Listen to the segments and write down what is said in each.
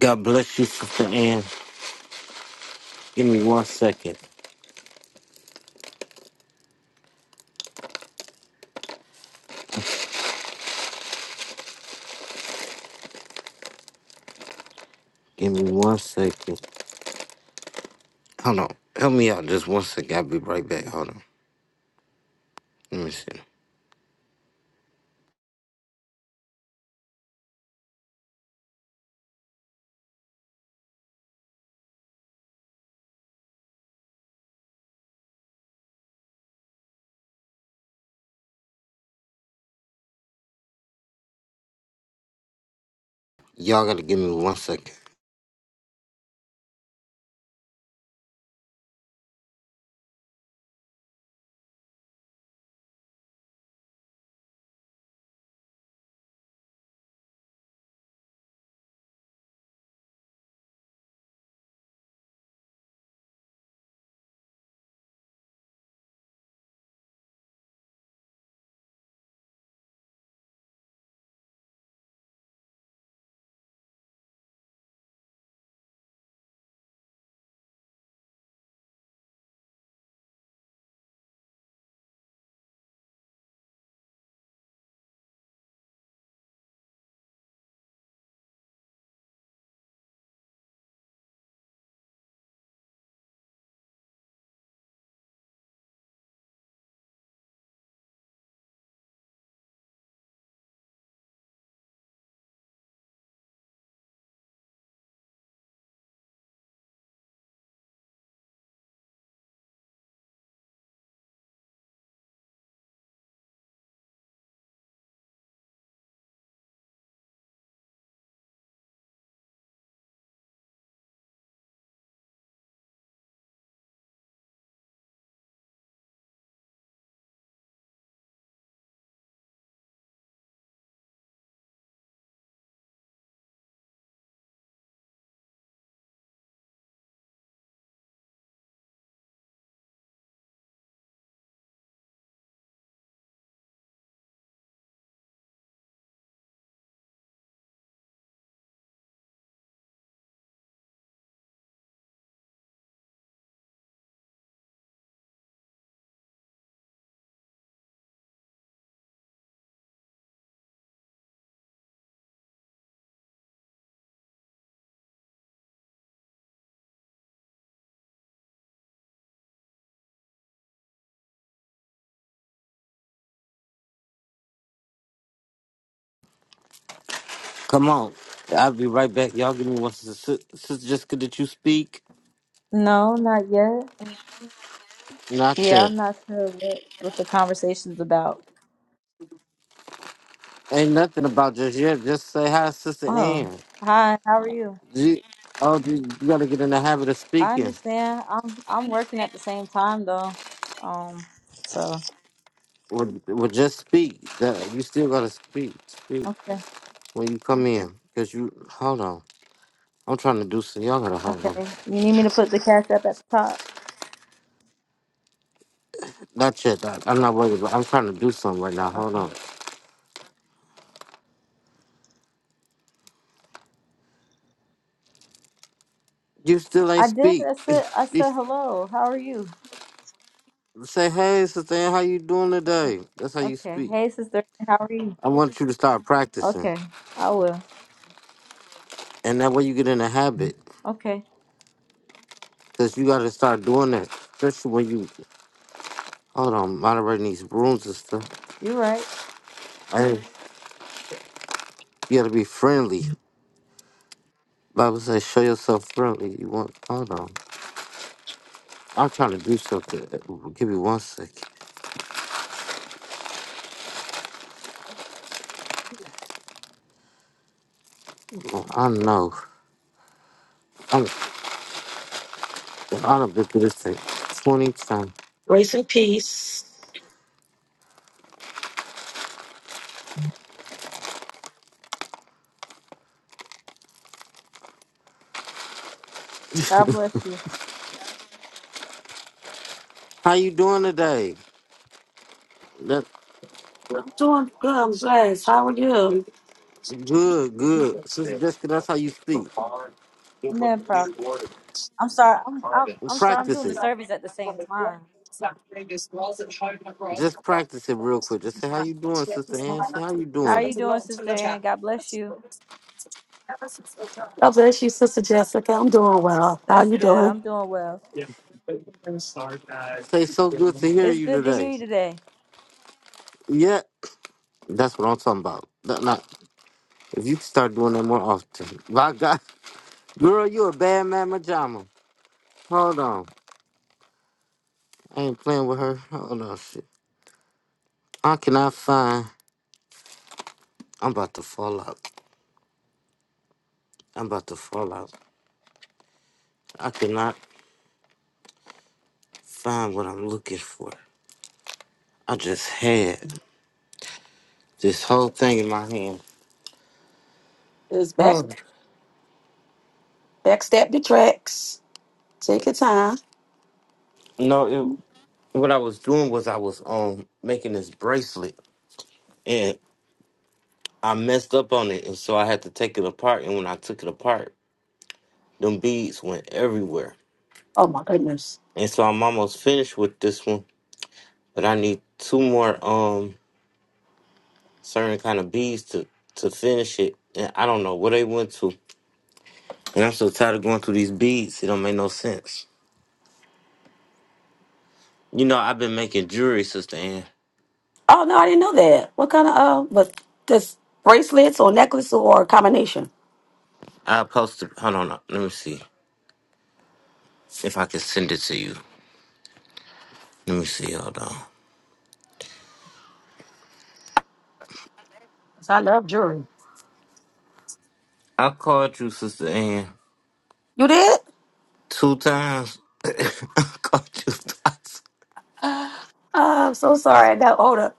God bless you, Sister Ann. Give me one second. Give me one second. Hold on. Help me out just one second. I'll be right back. Hold on. Let me see. Y'all gotta give me one second. Come on. I'll be right back. Y'all give me one second. Sis- Sister Jessica, did you speak? No, not yet. Not Yeah, yet. I'm not sure what what the conversation's about. Ain't nothing about just yet. Just say hi, Sister Oh, Ann. hi. How are you? You, oh, you, you gotta get in the habit of I speaking. understand. I'm I'm working at the same time though. Um, so Or, or just speak. That- You still gotta speak. Speak okay, when you come in. Cause you, hold on. I'm trying to do some. Y'all gotta hold on. okay. You need me to put the cash up at the top? That's it. I- I'm not worried about I'm trying to do something right now. Hold Okay. on. You still ain't I did. speak. I said I said hello. How are you? You say, hey, sister, how you doing Okay. today? That's how you Okay. speak. Hey, sister. How are you? I want you to start practicing. Okay. I will. And that way you get in a habit. Okay. Because you got to start doing that. Especially when you, hold on, moderating these rooms and stuff. You're right. Hey, you got to be friendly. Bible says, show yourself friendly. You want, hold on. I'm trying to do something. Give me one second. I know. I'm, I've been through this thing 20 times. Grace and peace. God bless you. How you doing today? That I'm doing good. I'm blessed. How are you? good, good. Sister Jessica, that's how you speak. Amen, prophet. I'm sorry. I'm I'm, Well, I'm sorry. I'm practice doing the it. service at the same time. Just practice it real quick. Just say how you doing, Sister Ann. Say how you How are doing. you doing, Sister Ann? God bless you. God bless you, Sister Jessica. I'm doing well. How That's you good. doing? I'm doing well. Say so good to hear It's you good to today. hear you today. Yeah, that's what I'm talking about. Not, not- if you could start doing that more often. My God, girl, you a bad man, majama. Hold on, I ain't playing with her. Hold on, shit. I cannot find. I'm about to fall out. I'm about to fall out. I cannot find what I'm looking for. I just had. this whole thing in my hand. It's back, Oh. backstep the tracks. Take your time. No, it, what I was doing was I was um making this bracelet and I messed up on it, and so I had to take it apart. And when I took it apart, them beads went everywhere. Oh my goodness. And so I'm almost finished with this one, but I need two more um certain kind of beads to to finish it. And I don't know where they went to. And I'm so tired of going through these beads. It don't make no sense. You know, I've been making jewelry, Sister Ann. Oh no, I didn't know that. What kind of uh? But this bracelets or necklace or a combination? I posted. Hold on, let me see if I can send it to you. Let me see. Hold on. 'Cause I love jewelry. I called you, Sister Ann, You did? two times. I called you twice. Uh, I'm so sorry. I got hold up.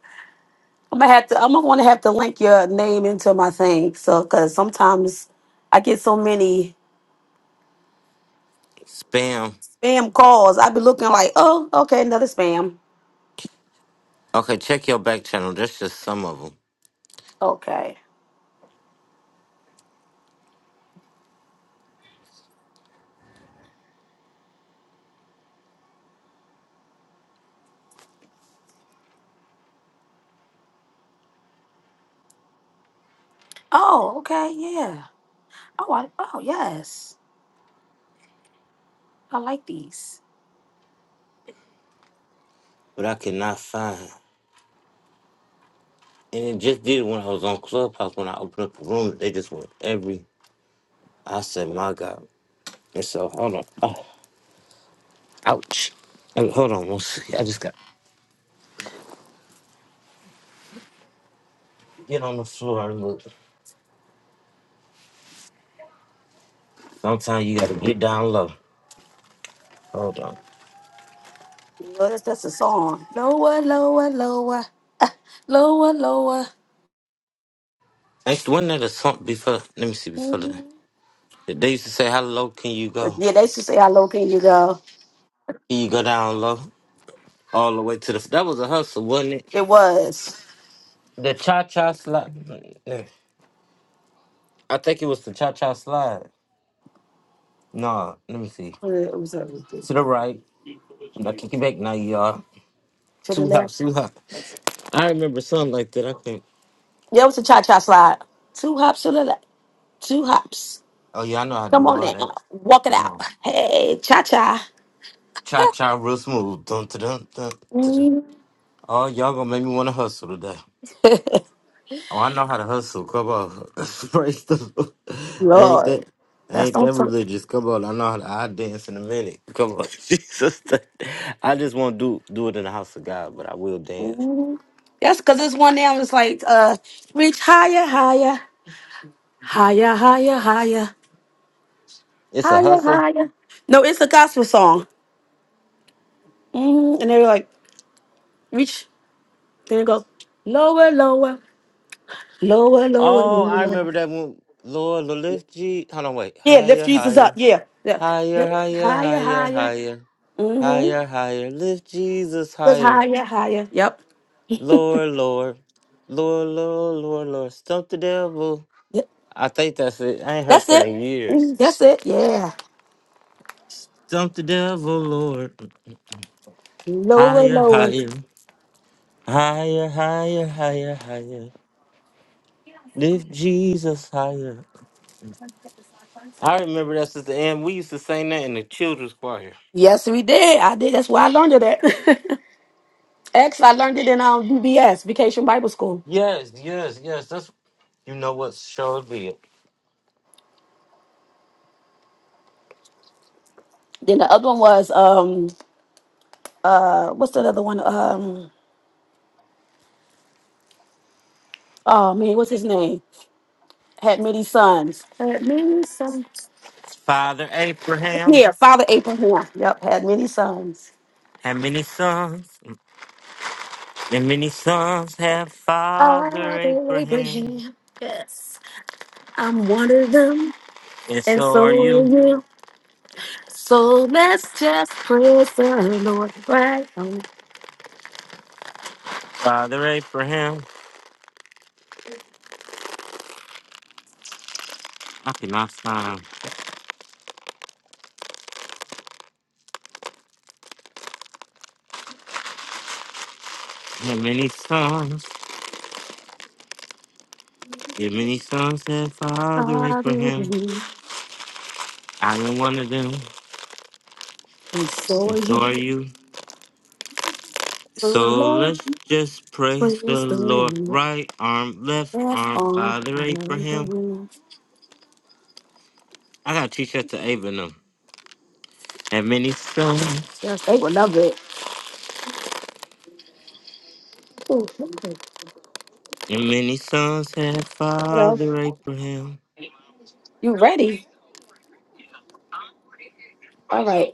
I'm gonna have to. I'm gonna want to have to link your name into my thing. So, cause sometimes I get so many. Spam. spam calls. i be looking like, oh, okay, another spam. Okay, check your back channel. That's just some of them. Okay. Oh, okay, yeah. Oh, I, oh, yes. I like these. But I cannot find. And it just did when I was on Clubhouse. When I opened up the room, they just went every. I said, my God. And so, hold on. Oh, ouch. Hey, hold on one second. I just got get on the floor and look. Sometimes you got to get down low. Hold on. You know, that's that's a song. Lower, lower, lower, lower, lower. Actually, wasn't that a song before? Let me see. Before the, Mhm. they used to say, how low can you go? Yeah, they used to say how low can you go. You go down low, all the way to the. That was a hustle, wasn't it? It was. The cha cha slide. I think it was the cha cha slide. Nah, let me see. It was everything. To the right. I kick it back now, y'all. To the Two left. hops, two hops. I remember something like that. I think. Yeah, it was a cha cha slide. Two hops to the left. Two hops. Oh yeah, I know how to Come do on all now. that. Walk it Come out. on. Hey, cha cha. Cha cha real smooth. Dun dun dun dun. dun, dun. Mhm. Oh, y'all gonna make me wanna hustle today. Oh, I know how to hustle. Come on. Praise the Lord. Ain't Lord. that That's ain't on that not religious? Come on. I know how to I dance in a minute. Come on. Jesus. I just won't do do it in the house of God, but I will dance. Mhm. That's because this one now is like, uh, reach higher, higher, higher, higher, higher, It's a higher, hustle. higher. No, it's a gospel song. hmm And they're like, reach. Then it goes, lower, lower, lower, lower, Oh, I lower. remember that one. Lord, Lord, lift G. Hold on, wait. Yeah, lift Higher, Jesus up. higher. Yeah, yeah. Higher, Yep. higher, Higher, higher, higher. higher. Mm-hmm. Higher, higher. Lift Jesus Just higher. higher, higher. Yep. Lord, Lord. Lord, Lord, Lord, Lord. Stump the devil. Yep. I think that's it. I ain't heard That's that it. in years. Mhm. That's it. Yeah. Dump the devil, Lord. Lower, Higher, lower. higher, higher, higher, higher, higher. Lift Jesus higher. I remember that, Sister Ann. We used to sing that in the children's choir. Yes, we did. I did. That's why I learned it. at. X, I learned it in um, VBS, Vacation Bible School. Yes, yes, yes. That's you know what show it be. Then the other one was um uh what's the other one? Um oh man, what's his name? Had many sons. Had many sons. Father Abraham Yeah, Father Abraham. Yep, had many sons. had many sons, and many sons have Father Father Abraham, Abraham. Yes, I'm one of them, and and so are so are you, you. So that's what I know. Father Abraham. I cannot find how many sons. If many sons had Father Abraham, I am one of them, and so are you. So let's just praise the Lord. Right arm, left arm, Father Abraham. I gotta teach that to Ava now. And many sons, and many sons had Father Abraham. You ready? All right.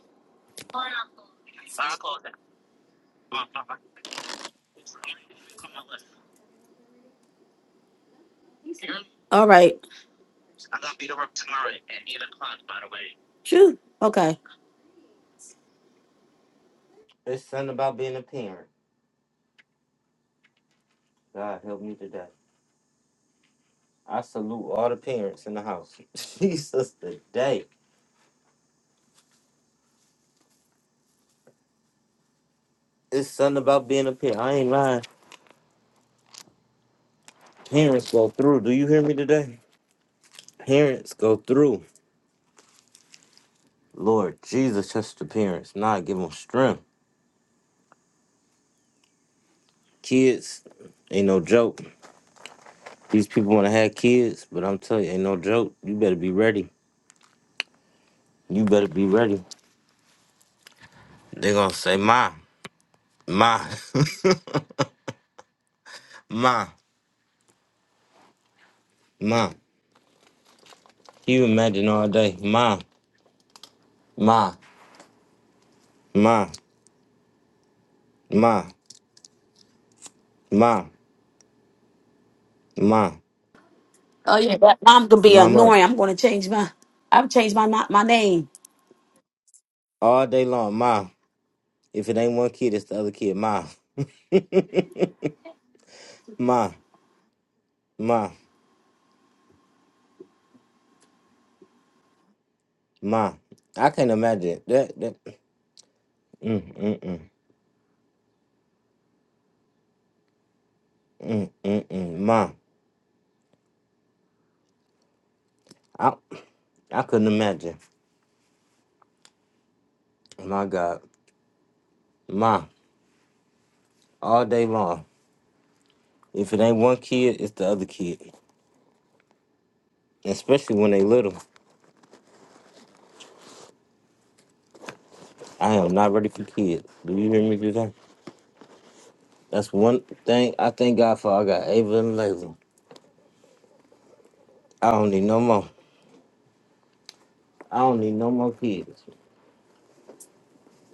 All right. Phew. Okay. It's something about being a parent. God help me today. I salute all the parents in the house. Jesus today. It's something about being a parent. I ain't lying. Parents go through. Do you hear me today? Parents go through. Lord Jesus, touch the parents. Nah, give them strength. Kids, ain't no joke. These people want to have kids, but I'm telling you, ain't no joke. You better be ready. You better be ready. they going to say, Ma, Ma, Ma, Ma. Can You imagine all day. Ma, Ma, Ma, Ma, Ma, Ma, Oh yeah, that- I'm gonna be Mama. annoying. I'm gonna change my. I've changed my my name. All day long, Ma. If it ain't one kid, it's the other kid, Ma. ma, ma. Ma, I can't imagine that. that mm, mm, mm, mm, mm, mm. Ma, I, I couldn't imagine. My God, ma, all day long. If it ain't one kid, it's the other kid. Especially when they little. I am not ready for kids. Do you hear me today? That's one thing I thank God for. I got Ava and Layla. I don't need no more. I don't need no more kids.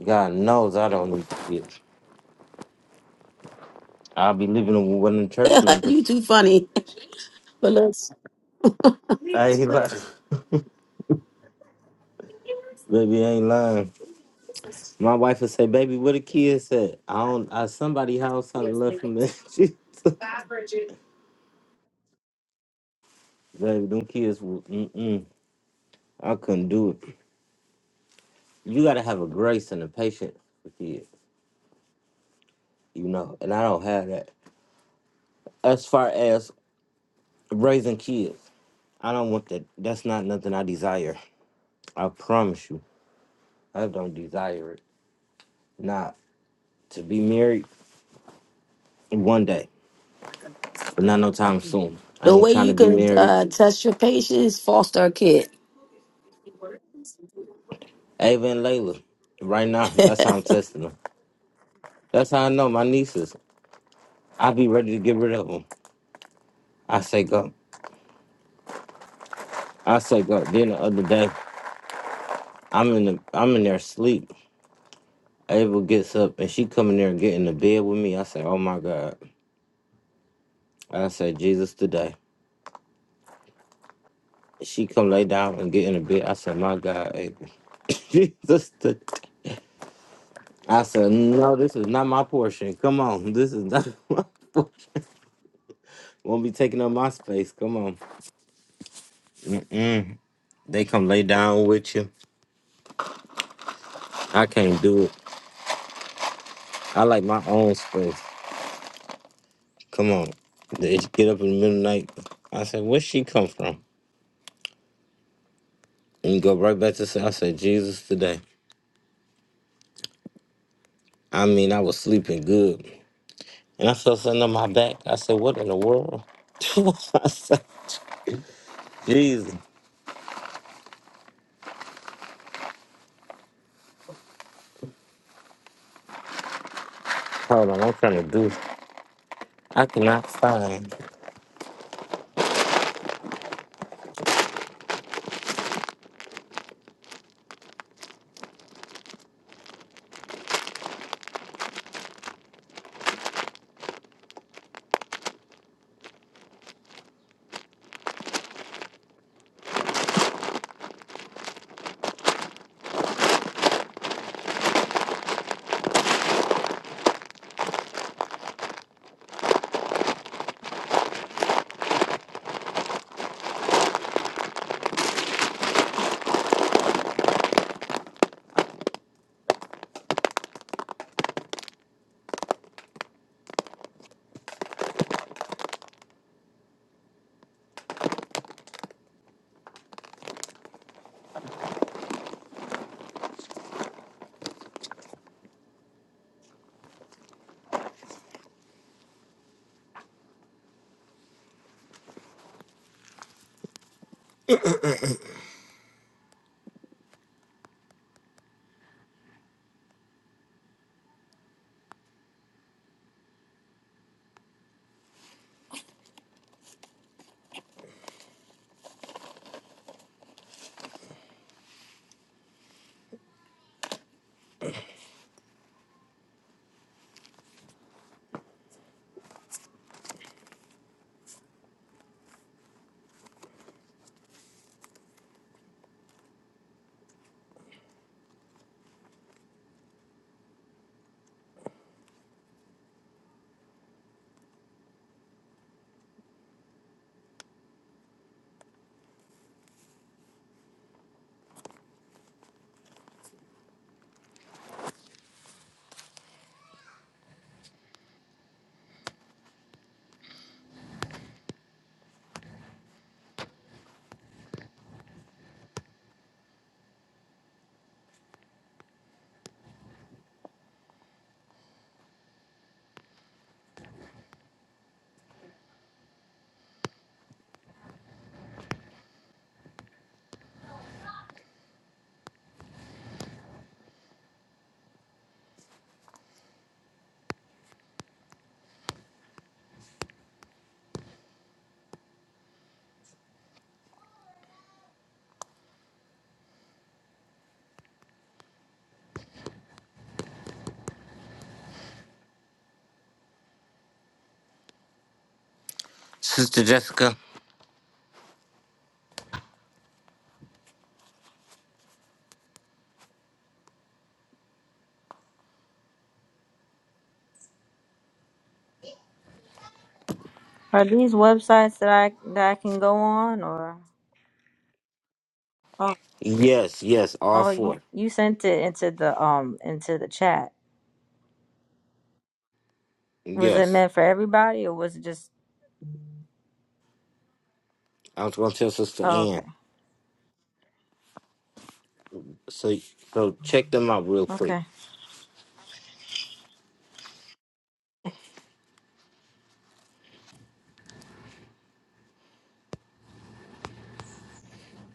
God knows I don't need kids. I'll be living with one of the church you members. too funny. But look, I ain't lying. Baby, I ain't lying. My wife would say, "Baby, where the kids at? I don't. I somebody house something left from there." She- took- Baby, them kids. will. Mm-mm, I couldn't do it. You got to have a grace and a patience with kids, you know. And I don't have that. As far as raising kids, I don't want that. That's not nothing I desire. I promise you, I don't desire it. Not to be married one day, but not no time soon. I the ain't way trying to you be can married. uh, test your patience, foster a kid. Ava and Layla, right now. What's That's how I'm testing them. That's how I know my nieces. I be ready to get rid of them. I shake up. I shake up. Then the other day, I'm in the I'm in there asleep. Abel gets up and she come in there and get in the bed with me. I say, Oh my God. I say Jesus today. She come lay down and get in the bed. I said, My God, Abel. Jesus today. I said, No, this is not my portion. Come on. This is not my portion. Won't be taking up my space. Come on. Mm-mm. They come lay down with you. I can't do it. I like my own space. Come on. They just get up in the middle of the night. I said, where she come from? And you go right back to say, I said, Jesus today. I mean, I was sleeping good. And I felt something on my back. I said, what in the world? I said, Jesus. Hold on, I'm trying to do. I cannot find. Sister Jessica? Are these websites that I that I can go on or oh, Yes, yes, all oh you four. you sent it into the um into the chat. Was it Yes. meant for everybody or was it just I was going to tell Sister oh Ann. okay. So, so check them out real quick. Okay.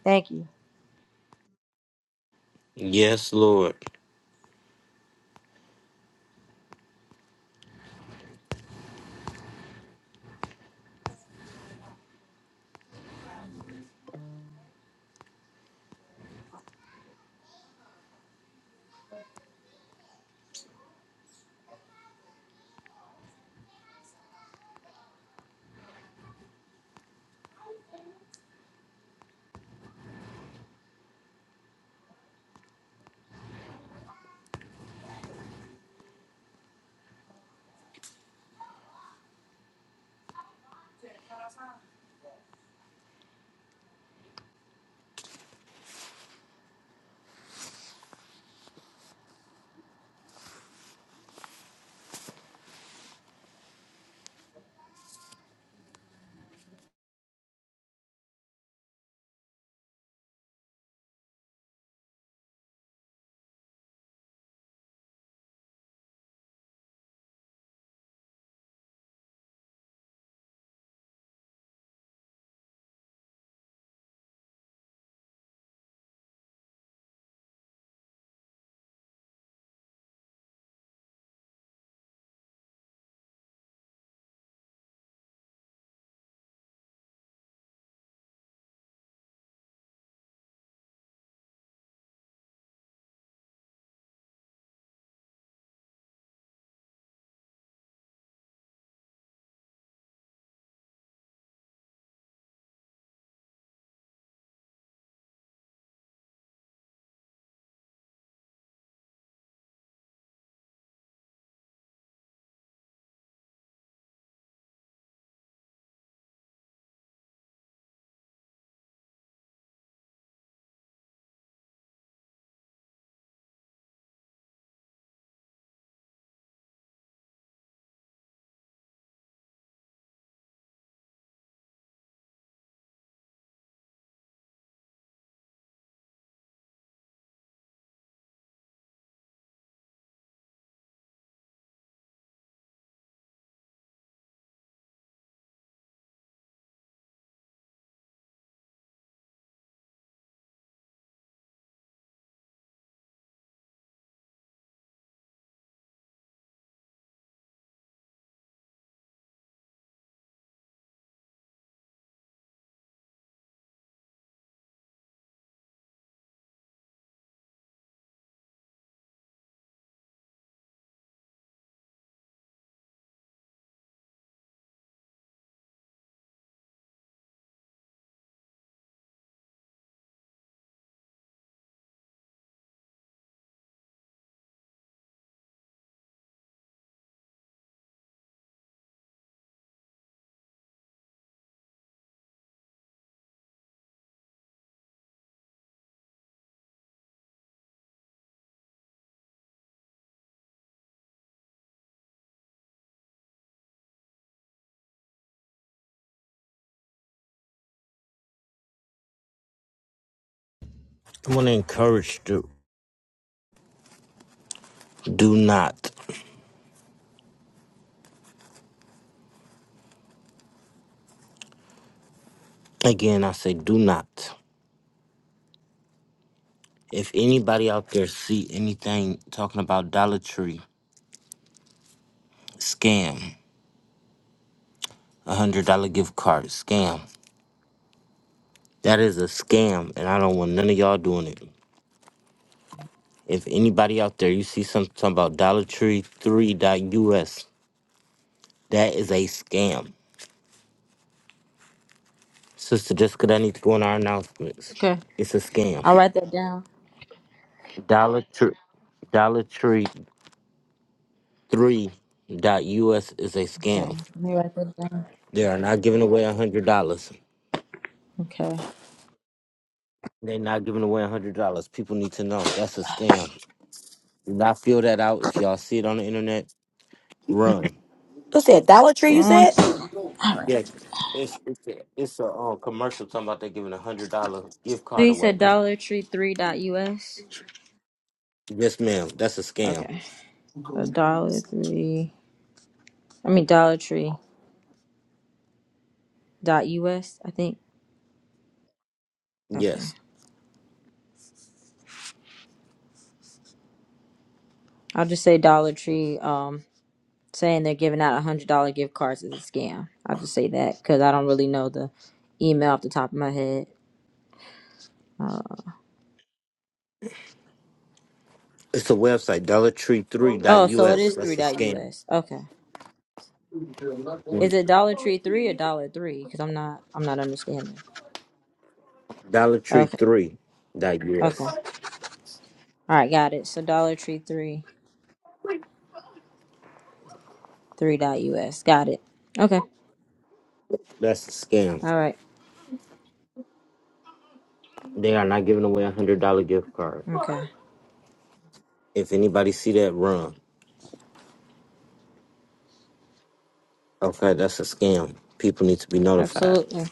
Thank you. Yes, Lord. I want to encourage you. Do not. Again, I say do not. If anybody out there see anything talking about Dollar Tree scam, a hundred dollar gift card scam, that is a scam, and I don't want none of y'all doing it. If anybody out there you see something talking about Dollar Tree Three dot US, that is a scam. Sister Jessica, that needs to go in our announcements. Okay. It's a scam. I'll write that down. Dollar Tree, Dollar Tree Three dot US is a Okay. scam. Let me write that down. They are not giving away a hundred dollars. Okay. They're not giving away hundred dollars. People need to know that's a scam. Do not feel that out. If y'all see it on the internet, run. that? Dollar Tree, Give you me one said? second. All right. Yeah, it's it's a, it's a uh, commercial talking about they giving a hundred dollar gift So card you away. said Dollar Tree three dot US? Yes, ma'am. That's a scam. Okay. So Dollar Tree I mean Dollar Tree dot US, I think. Okay. Yes, I'll just say Dollar Tree um saying they're giving out a hundred dollar gift cards is a scam. I'll just say that because I don't really know the email off the top of my head. Uh, it's a website Dollar Tree Three dot oh, U so it S. is three That's a dot scam. US. Okay. Is Mm-hmm. it Dollar Tree three or Dollar Three? Because I'm not I'm not understanding. Dollar Tree Okay. Three dot U Okay. All S. right. Got it. So Dollar Tree three three dot US. Got it. Okay. That's a scam. All right. They are not giving away a hundred dollar gift card. Okay. If anybody see that, run. Okay, that's a scam. People need to be notified. Absolutely.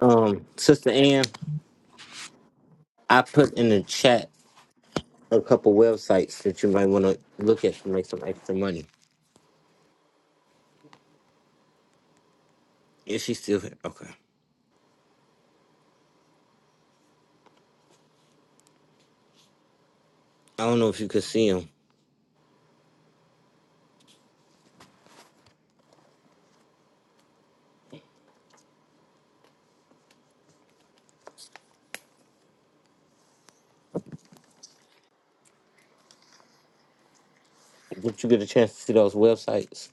Um, Sister Ann, I put in the chat a couple websites that you might want to look at to make some extra money. Is she still here? Okay. I don't know if you could see them. Did you get a chance to see those websites?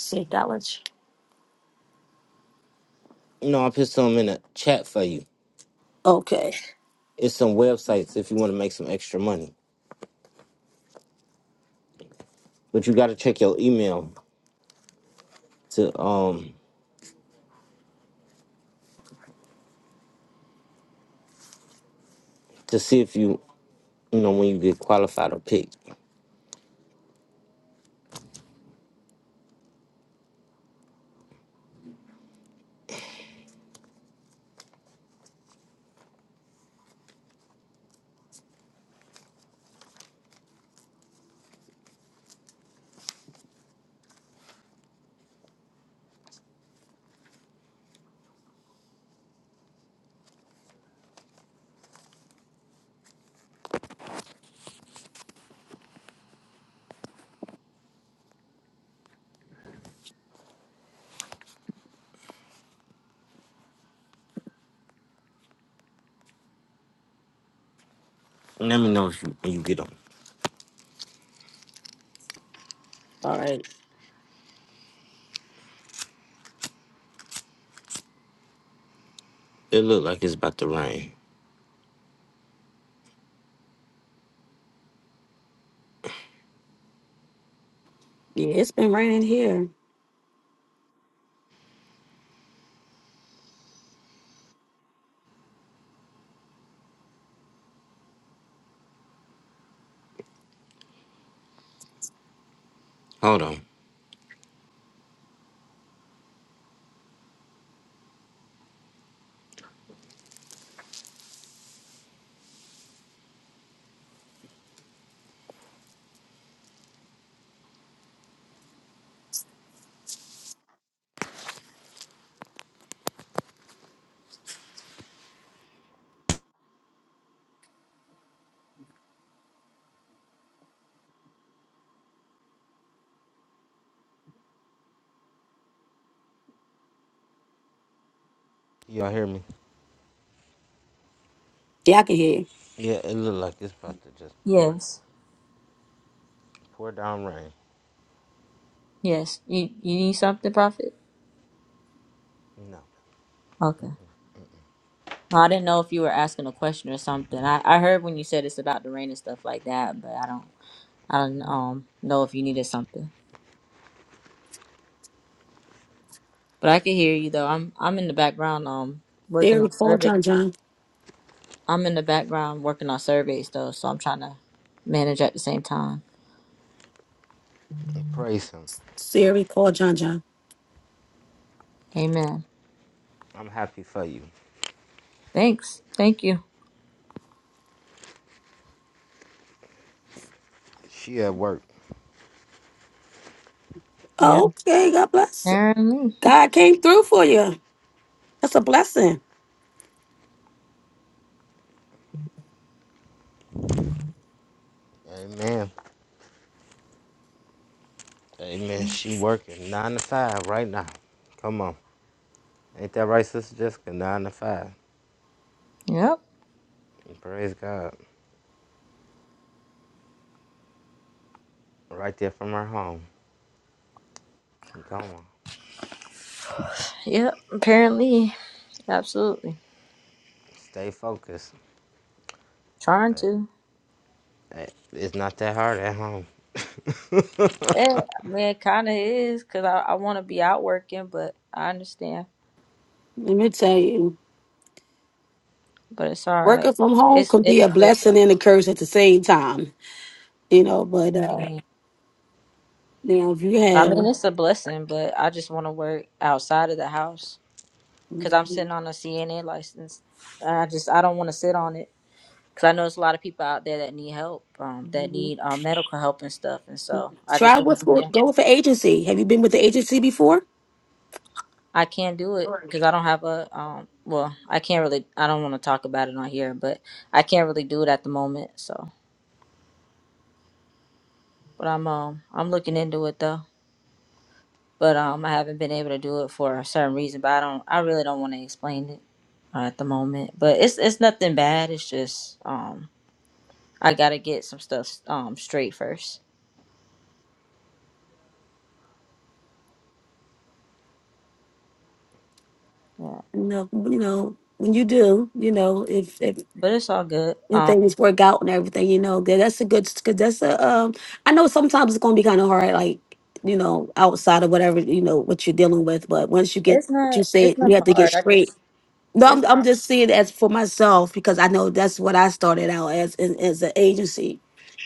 Say Dollar Tree. No, I put some in the chat for you. Okay. It's some websites if you want to make some extra money. But you got to check your email to um to see if you you know when you get qualified or picked. Let me know if you when you get on. All right. It look like it's about to rain. Yeah, it's been raining here. Hold on. Y'all hear me? Yeah, I can hear you. Yeah, it look like it's about to just pour Yes. Pour down rain. Yes. You you need something, Prophet? You know. Okay. No, I didn't know if you were asking a question or something. I, I heard when you said it's about the rain and stuff like that, but I don't I don't um know if you needed something. But I can hear you though. I'm I'm in the background um working on Siri, call survey. John John. I'm in the background working on surveys though, so I'm trying to manage at the same time. praise him. Siri, call John John. Amen. I'm happy for you. Thanks. Thank you. She at work. Yep. Okay, God bless. Apparently. God came through for you. That's a blessing. Amen. Amen. She working nine to five right now. Come on. Ain't that right, Sister Jessica? Nine to five. Yep. Praise God. Right there from her home. Come on. Yep. Apparently. Absolutely. Stay focused. Trying That- to. that- It's not that hard at home. Yeah, I mean, it kind of is because I, I want to be out working, but I understand. Let me tell you, but it's all right. working from home It's can be it's a good though. blessing and a curse at the same time. You know, but uh, Mm. you know, if I mean, you it's a blessing, but I just want to work outside of the house because I'm have sitting on a CNA license. And I just I don't want to sit on it because I know there's a lot of people out there that need help, um, that need um, medical help and stuff, and so I just Try want to. with Yeah, go with an agency. Have you been with the agency before? I can't do it because I don't have a um. Well, I can't really. I don't want to talk about it on here, but I can't really do it at the moment. So, but I'm um I'm looking into it though. but um, I haven't been able to do it for a certain reason. But I don't, I really don't want to explain it uh, at the moment. But it's it's nothing bad. It's just um, I gotta get some stuff um straight first. Yeah, No, you know when you do, you know if if but it's all good. if Um, things work out and everything, you know that that's a good because that's a um. I know sometimes it's gonna be kind of hard, like you know outside of whatever you know what you're dealing with, but once you get it's what you not said, it's not you have to get hard. I straight just No, it's I'm, I'm not. just seeing it as for myself because I know that's what I started out as in, as an agency,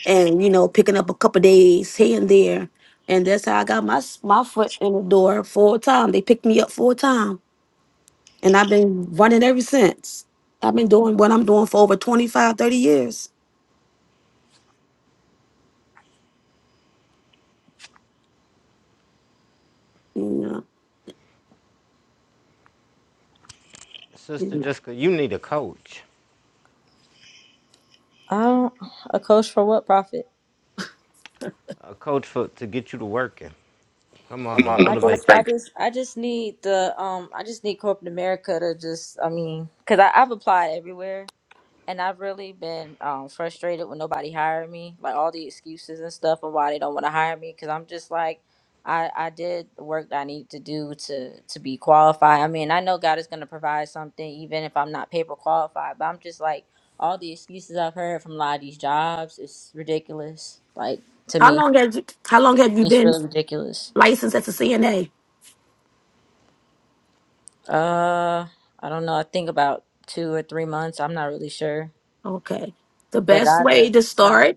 and you know picking up a couple days here and there, and that's how I got my s- my foot in the door full time. They picked me up full time, and I've been running ever since. I've been doing what I'm doing for over twenty five, thirty years. You know, you Sister know. Jessica, you need a coach. I don't a coach for what profit. A coach for to get you to working. Come on, to I just, motivate I you. just, I just need the, um, I just need corporate America to just, I mean, cause I, I've applied everywhere, and I've really been um, frustrated when nobody hired me, like all the excuses and stuff of why they don't want to hire me. Because I'm just like, I I did the work that I need to do to to be qualified. I mean, I know God is gonna provide something, even if I'm not paper qualified. But I'm just like, all the excuses I've heard from a lot of these jobs is ridiculous. Like to How me, long have you, how long have you it's been really ridiculous. licensed as a CNA? Uh, I don't know. I think about two or three months. I'm not really sure, Okay, the but best I, way de- to but I, start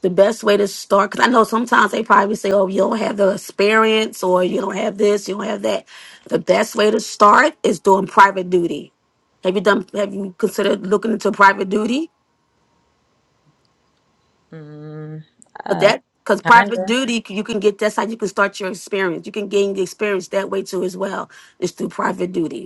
the best way to start because i know sometimes they probably say oh you don't have the experience or you don't have this you don't have that the best way to start is doing private duty have you done have you considered looking into private duty mm, but uh, that because private kinda. duty you can get that's how you can start your experience you can gain the experience that way too as well is through private duty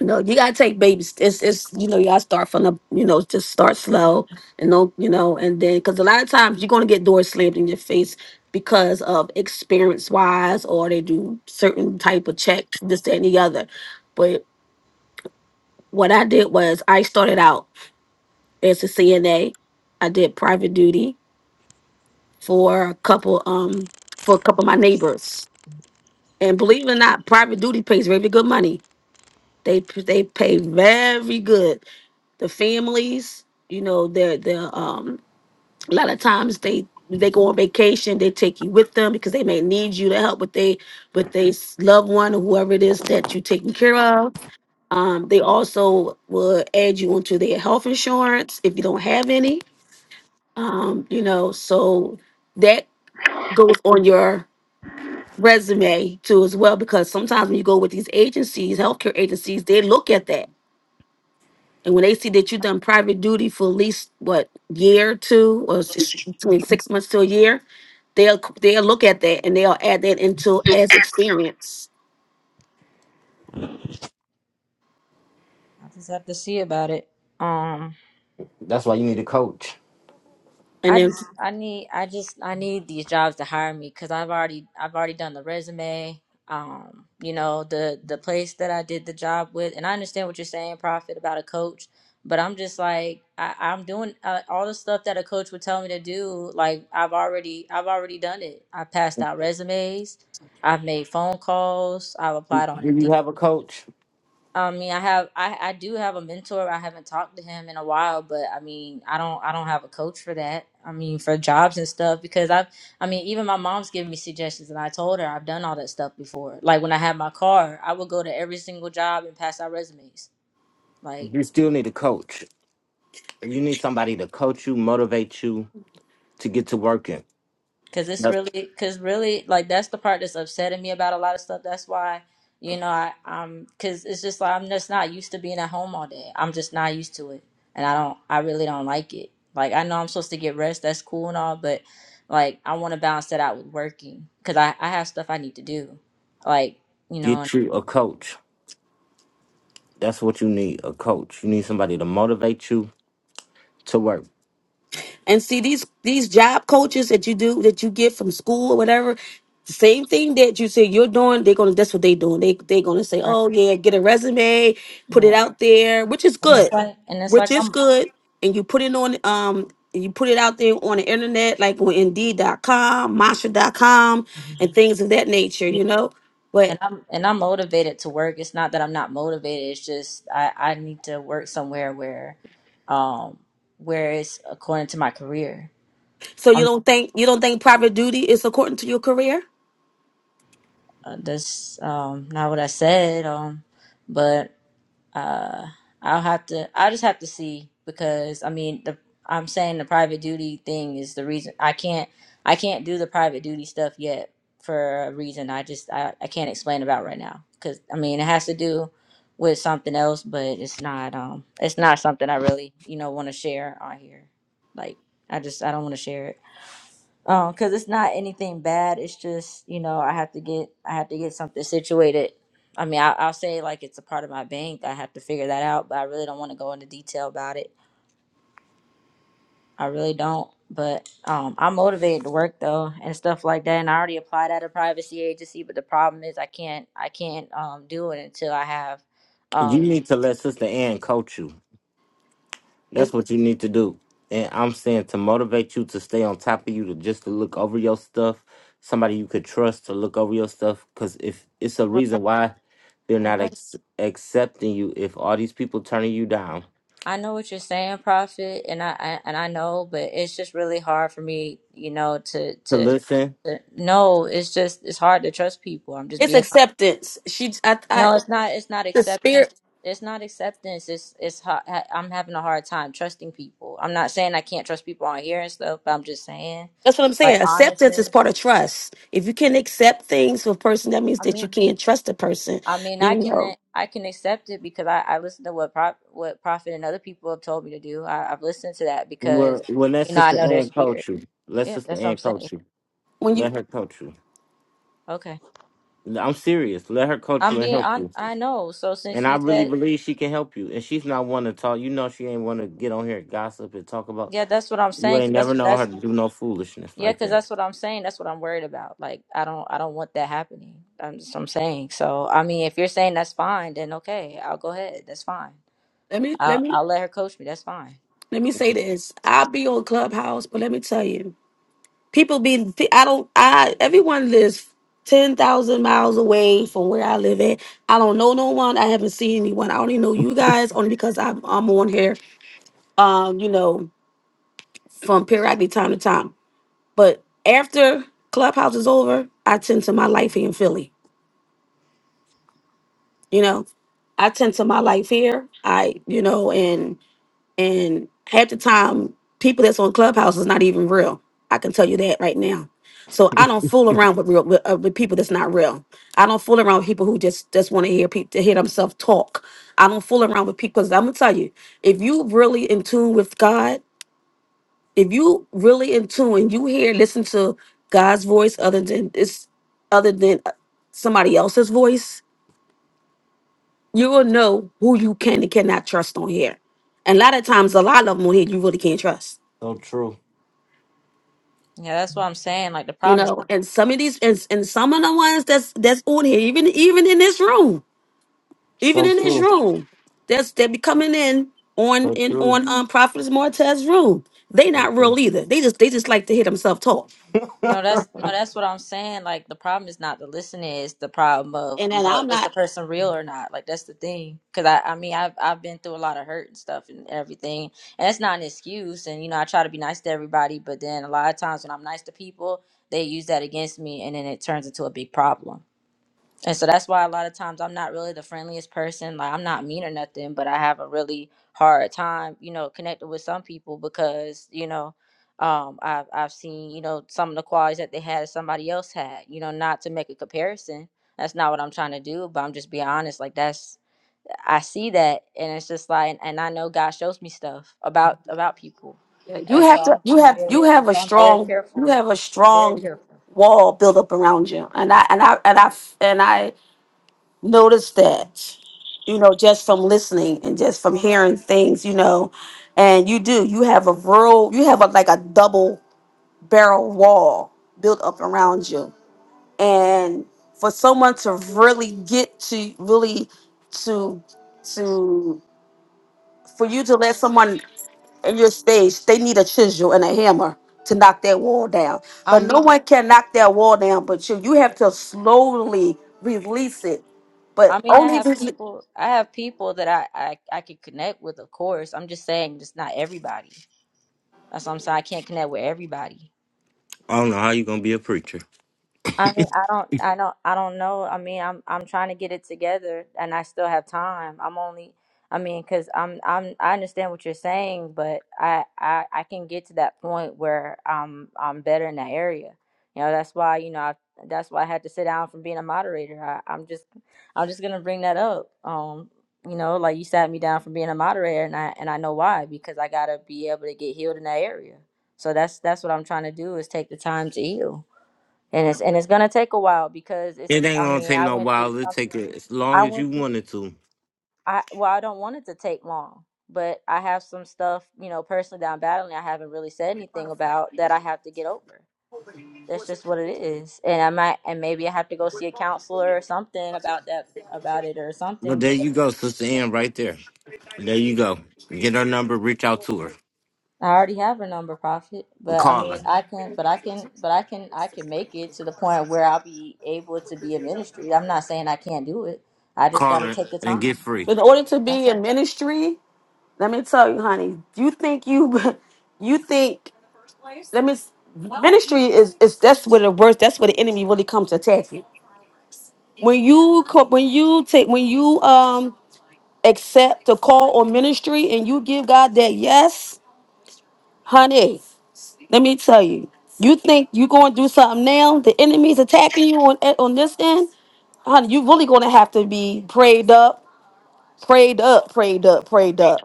No, you gotta take babies. It's it's you know you gotta start from the you know just start slow and no you know and then because a lot of times you're gonna get doors slammed in your face because of experience wise or they do certain type of checks this that, and the other. But what I did was I started out as a CNA. I did private duty for a couple um for a couple of my neighbors and believe it or not, private duty pays very good money. They they pay very good the families you know they're they're um a lot of times they they go on vacation they take you with them because they may need you to help with they with their s- loved one or whoever it is that you're taking care of um they also will add you onto their health insurance if you don't have any um you know so that goes on your resume too as well because sometimes when you go with these agencies healthcare agencies they look at that And when they see that you've done private duty for at least what year or two, or s- between six months to a year, they'll they'll look at that and they'll add that into as experience. I'll just have to see about it. Um, That's why you need a coach. And I then just I need I just I need these jobs to hire me because I've already I've already done the resume. Um, you know the the place that I did the job with, and I understand what you're saying, Prophet, about a coach. But I'm just like I, I'm doing uh, all the stuff that a coach would tell me to do. Like I've already I've already done it. I passed out resumes. I've made phone calls. I've Do applied on Indeed. you have a coach? I mean, I have, I, I do have a mentor. I haven't talked to him in a while, but I mean, I don't, I don't have a coach for that. I mean, for jobs and stuff, because I've, I mean, even my mom's giving me suggestions, and I told her I've done all that stuff before. Like when I had my car, I would go to every single job and pass out resumes. Like You still need a coach. You need somebody to coach you, motivate you to get to working. Cause it's That's really, cause really, like that's the part that's upsetting me about a lot of stuff. That's why, you know, I, um, cause it's just like I'm just not used to being at home all day. I'm just not used to it, and I don't, I really don't like it. Like I know I'm supposed to get rest. That's cool and all, but like I want to balance that out with working, cause I, I have stuff I need to do, like you know, and, get you a coach. That's what you need, a coach. You need somebody to motivate you to work. And see these these job coaches that you do that you get from school or whatever, the same thing that you say you're doing, they're gonna that's what they doing. They they're gonna say, right, Oh yeah, get a resume, put it yeah, out there, which is and it's good. like, and it's like Which is I'm, good. And you put it on um and you put it out there on the internet, like on indeed.com, Masha.com, Mhm. and things of that nature, you know? And But I'm and I'm motivated to work. It's not that I'm not motivated. It's just I I need to work somewhere where, um, where it's according to my career. so you I'm don't think you don't think private duty is according to your career? uh, that's um not what I said. Um, but uh i'll have to i just have to see because i mean the i'm saying the private duty thing is the reason i can't i can't do the private duty stuff yet for a reason i just i, I can't explain about right now because i mean it has to do with something else but it's not um it's not something i really you know want to share on here like i just i don't want to share it um, because it's not anything bad. It's just you know I have to get I have to get something situated. I mean, I, I'll say like it's a part of my bank. I have to figure that out, but I really don't want to go into detail about it. I really don't. But um, I'm motivated to work though and stuff like that. And I already applied at a privacy agency, but the problem is I can't I can't um do it until I have You um. need to let Sister Ann coach you. It, That's what you need to do. And I'm saying to motivate you to stay on top of you, to just to look over your stuff. Somebody you could trust to look over your stuff. Cause if it's a reason why they're I not know ex- accepting you, if all these people turning you down, I know what you're saying, Prophet, and I, I and I know, but it's just really hard for me, you know, to to to, listen. to no, it's just it's hard to trust people. I'm just it's being honest. acceptance. She I, no, I it's not it's not the acceptance. spirit It's not acceptance. It's it's ha- ha- I'm having a hard time trusting people. I'm not saying I can't trust people on here and stuff, but I'm just saying, That's what I'm like saying. Acceptance honestly, is part of trust. If you can accept things for a person, that means I that you mean, can trust a person. I mean, I You can know, I can accept it because I I listen to what prop what Prophet and other people have told me to do. I, I've listened to that because Well, well, let you know I Sister know their Ann spirit coach you. Let Yeah, Sister that's what Ann I'm saying. coach you. when you Let her coach you. Okay, I'm serious. Let her coach I'm you and being help on. you. I know. So since And I you really said, believe she can help you. And she's not one to talk. You know, she ain't want to get on here and gossip and talk about. yeah, that's what I'm You saying. 'cause ain't never that's known her that's to do no foolishness yeah, like because that. that's what I'm saying. That's what I'm worried about. Like, I don't, I don't want that happening. I'm just, I'm saying. So, I mean, if you're saying that's fine, then okay, I'll go ahead. That's fine. let me let I'll, me I'll let her coach me. That's fine. let me say this. I'll be on Clubhouse, but let me tell you, people be I don't I everyone lives ten thousand miles away from where I live at. I don't know no one. I haven't seen anyone. I only know you guys only because I'm I'm on here. Um, you know, from periodically time to time. But after Clubhouse is over, I tend to my life here in Philly. you know i tend to my life here i you know and and half the time people that's on clubhouse is not even real i can tell you that right now so i don't fool around with real with, uh, with people that's not real i don't fool around with people who just just want to hear people to hear themselves talk i don't fool around with people because i'm gonna tell you if you really in tune with god if you really in tune and you hear listen to god's voice other than this other than uh, somebody else's voice you will know who you can and cannot trust on here. And a lot of times, a lot of them on here you really can't trust. So true. Yeah, that's what I'm saying. Like, the You problem is. know, and some of these and, and some of the ones that's that's on here, even even in this room, even So in this true. room, that's they be coming in on So in true. on um Prophetess Martez's room. They So not true. real either. They just they just like to hear themselves talk. No, that's no, that's what I'm saying. Like the problem is not the listening; it's the problem of And you then know, I'm is the not person real or not? Like that's the thing. Because I, I mean, I've I've been through a lot of hurt and stuff and everything, and it's not an excuse. And you know, I try to be nice to everybody, but then a lot of times when I'm nice to people, they use that against me, and then it turns into a big problem. And so that's why a lot of times I'm not really the friendliest person. Like I'm not mean or nothing, but I have a really hard time, you know, connecting with some people because, you know, um, I've I've seen, you know, some of the qualities that they had somebody else had, you know, not to make a comparison. That's not what I'm trying to do, but I'm just being honest. Like that's I see that and it's just like and I know God shows me stuff about about people. yeah, you And so have to you I'm, I'm have very you and have a so I'm very strong you careful. have a strong wall built up around you. And I and I and I and I notice that, you know, just from listening and just from hearing things, you know, and you do, you have a real, you have a, like a double barrel wall built up around you. And for someone to really get to really to, to, for you to let someone in your stage, they need a chisel and a hammer to knock that wall down. I But mean, no one can knock that wall down but you. You have to slowly release it I but mean, I only have re- people. I have people that I I I can connect with. Of course, I'm just saying, just not everybody. That's what I'm saying. I can't connect with everybody. I don't know how you gonna be a preacher. I mean, I don't, I don't, I don't know. I mean, I'm, I'm trying to get it together, and I still have time. I'm only, I mean, because I'm, I'm, I understand what you're saying, but I, I, I can get to that point where I'm, I'm better in that area. You know, that's why, you know, I, that's why I had to sit down from being a moderator. I, I'm just, I'm just gonna bring that up. Um, you know, like you sat me down from being a moderator, and I, and I know why because I gotta be able to get healed in that area. So that's, that's what I'm trying to do is take the time to heal and it's and it's gonna take a while because it's. It ain't I gonna mean, take I no went through while. It something. take as long I as you went through. wanted to. I well, I don't want it to take long, but I have some stuff, you know, personally that I'm battling. I haven't really said anything about that. I have to get over. That's just what it is, and I might, and maybe I have to go see a counselor or something about that, about it or Well, something. there But you go, Sister Ann, right there. There you go. Get her number, reach out to her, I already have her number, Prophet. But I call mean, her, I can, but I can, but I can, I can make it to the point where I'll be able to be in ministry. I'm not saying I can't do it. I just got call to her, take the and time. get free. in order to be in ministry, let me tell you, honey, you think you you think let me ministry is is that's where the worst that's where the enemy really comes to attack you. When you co- when you take when you um accept the call or ministry and you give God that yes, honey, let me tell you, you think you're going to do something now, the enemy's attacking you on on this end, honey, you really going to have to be prayed up, prayed up, prayed up, prayed up.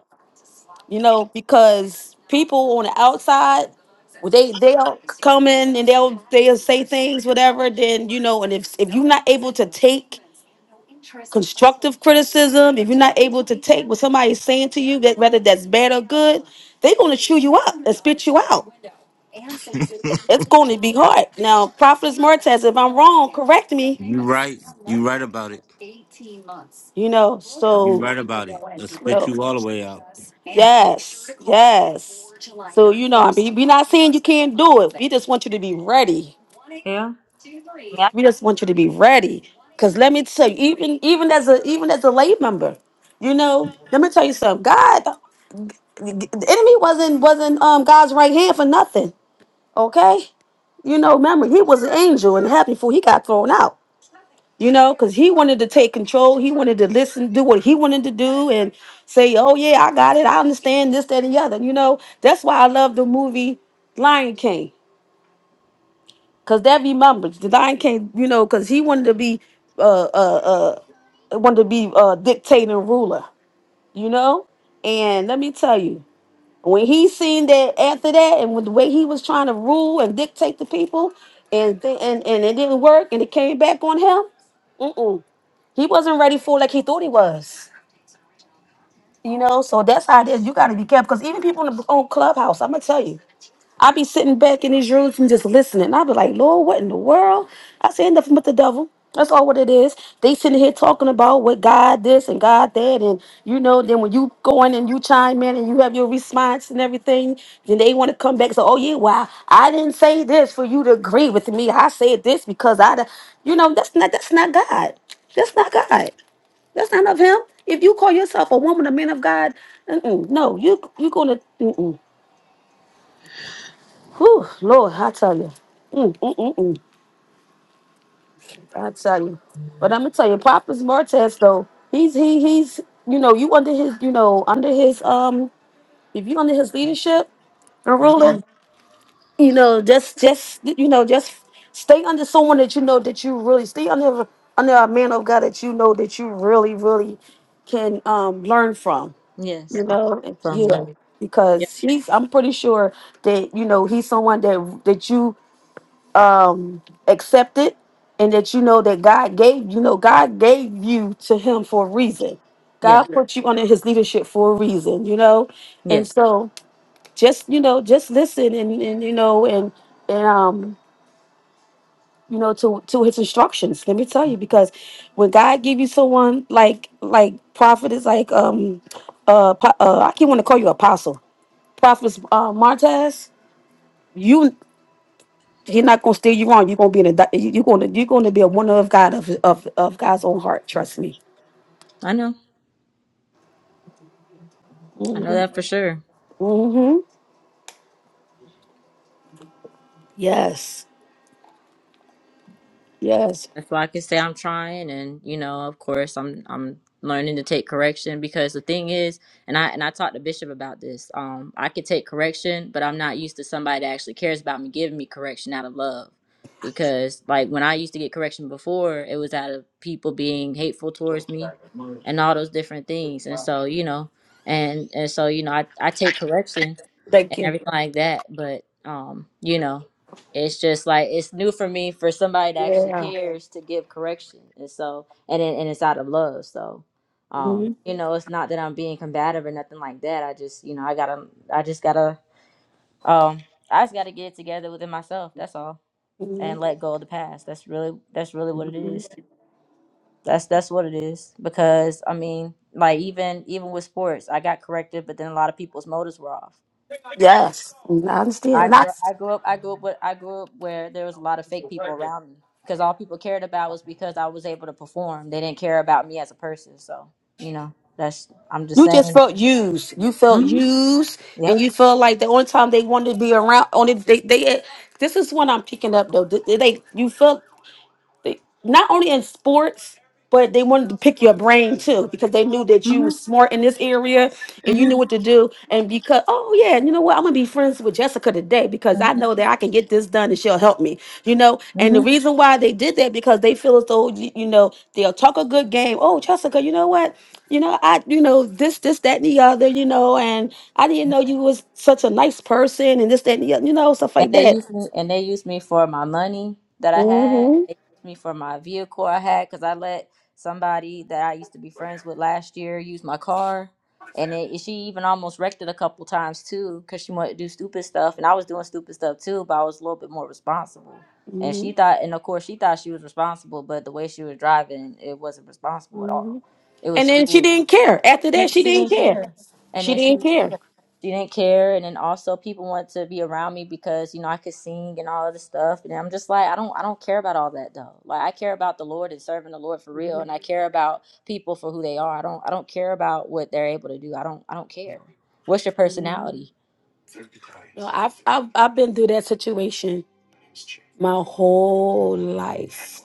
you know, because people on the outside, well, they they'll come in and they'll they'll say things, whatever. Then you know, and if if you're not able to take constructive criticism, if you're not able to take what somebody's saying to you, that whether that's bad or good, they're gonna chew you up and spit you out. It's going to be hard. Now, Prophetess Martez, if I'm wrong, correct me. You right. You right about it. You know, You so right about it. I'll spit well, you all the way out. Yeah. yes, yes. So you know, I mean, we're not saying you can't do it. We just want you to be ready. Yeah. I mean, I- We just want you to be ready. Cause let me tell you, even even as a even as a lay member, you know, let me tell you something. God, the enemy wasn't wasn't um God's right hand for nothing. Okay? You know, remember, he was an angel and happy before he got thrown out, you know, because he wanted to take control. He wanted to listen, do what he wanted to do, and say, oh, yeah, I got it. I understand this, that, and the other. You know, that's why I love the movie Lion King, because that remembers the Lion King, you know, because he wanted to be, uh, uh, uh, wanted to be uh, dictator and ruler, you know? And let me tell you, when he seen that after that, and with the way he was trying to rule and dictate the people, and th- and and it didn't work, and it came back on him. Mm-mm. He wasn't ready for it like he thought he was. You know, so that's how it is. You got to be careful because even people in the on Clubhouse, I'm gonna tell you. I be sitting back in these rooms and just listening. I be like, Lord, what in the world? I say nothing but the devil. That's all what it is. They sitting here talking about what God this and God that, and you know. Then when you go in and you chime in and you have your response and everything, then they want to come back. So, oh yeah, well, I didn't say this for you to agree with me. I said this because I, da-" you know, that's not that's not God. That's not God. That's not of Him. If you call yourself a woman, a man of God, mm-mm, no, you you're gonna. Mm-mm. Whew, Lord, I tell you. Mm, mm, mm, mm. I tell you. But Mm, I'm gonna tell you, Papa's Martez though, he's he he's you know, you under his you know, under his um if you under his leadership and I ruler, am. you know, just just you know, just stay under someone that you know that you really stay under under a man of God that you know that you really, really can um learn from, Yes, you I'm know. learning from him. Yeah. Yeah, Because he's I'm pretty sure that, you know, he's someone that that you um accepted and that you know that God gave you know God gave you to him for a reason. yeah, God put you under his leadership for a reason, you know? yeah. And so just you know, just listen and and you know and and um you know to to his instructions. Let me tell you because when God give you someone like like prophet is like um uh, po- uh I keep want to call you apostle. Prophet uh, Martez, you He's not gonna steer you wrong. You're gonna be in a di- you- you're gonna you're gonna be a woman of God of of, of God's own heart. Trust me. I know. I know that for sure. Mm-hmm. Yes. Yes. That's why I can say I'm trying, and you know, of course, I'm I'm learning to take correction because the thing is, and I and I talked to Bishop about this. Um, I could take correction, but I'm not used to somebody that actually cares about me giving me correction out of love. Because like when I used to get correction before, it was out of people being hateful towards me, and all those different things. And so you know, and and so you know, I I take correction Thank and you. everything like that. But um, you know, it's just like it's new for me for somebody that actually Yeah. cares to give correction, and so and it, and it's out of love. So, um, hmm you know, it's not that I'm being combative or nothing like that. I just you know I gotta I just gotta um I just gotta get it together within myself. That's all, hmm and let go of the past. That's really that's really what it is. That's that's what it is because I mean like even even with sports, I got corrected, but then a lot of people's motives were off Yes. I understand. I And grew I, up, I grew up I grew up with, I grew up where there was a lot of fake people around me because all people cared about was because I was able to perform. They didn't care about me as a person. So you know that's I'm just you just saying. felt used. You felt used, and Yep. you felt like the only time they wanted to be around. Only they they. This is what I'm picking up though. They they- you felt. they, not only in sports, but they wanted to pick your brain too because they knew that you was smart in this area and you knew what to do. And because, oh yeah, you know what, I'm gonna be friends with Jessica today because I know that I can get this done and she'll help me. You know, and hmm the reason why they did that because they feel as though you, you know they'll talk a good game. Oh, Jessica, you know what? You know, I you know this, this, that, and the other. You know, and I didn't know you was such a nice person and this, that, and the other. You know, stuff And like they that. used me, and they used me for my money that I had. hmm They used me for my vehicle I had because I let somebody that I used to be friends with last year use my car, and it, she even almost wrecked it a couple times too because she wanted to do stupid stuff, and I was doing stupid stuff too, but I was a little bit more responsible. And she hmm thought, and of course, she thought she was responsible, but the way she was driving, it wasn't responsible at all. It And was then she foolish. didn't care. After She, that, she she didn't didn't care. care, and She then she didn't care. she didn't care and then also people want to be around me because you know i could sing and all of this stuff and i'm just like i don't i don't care about all that though like i care about the lord and serving the lord for real and i care about people for who they are i don't i don't care about what they're able to do i don't i don't care what's your personality No, I've, I've I've been through that situation my whole life.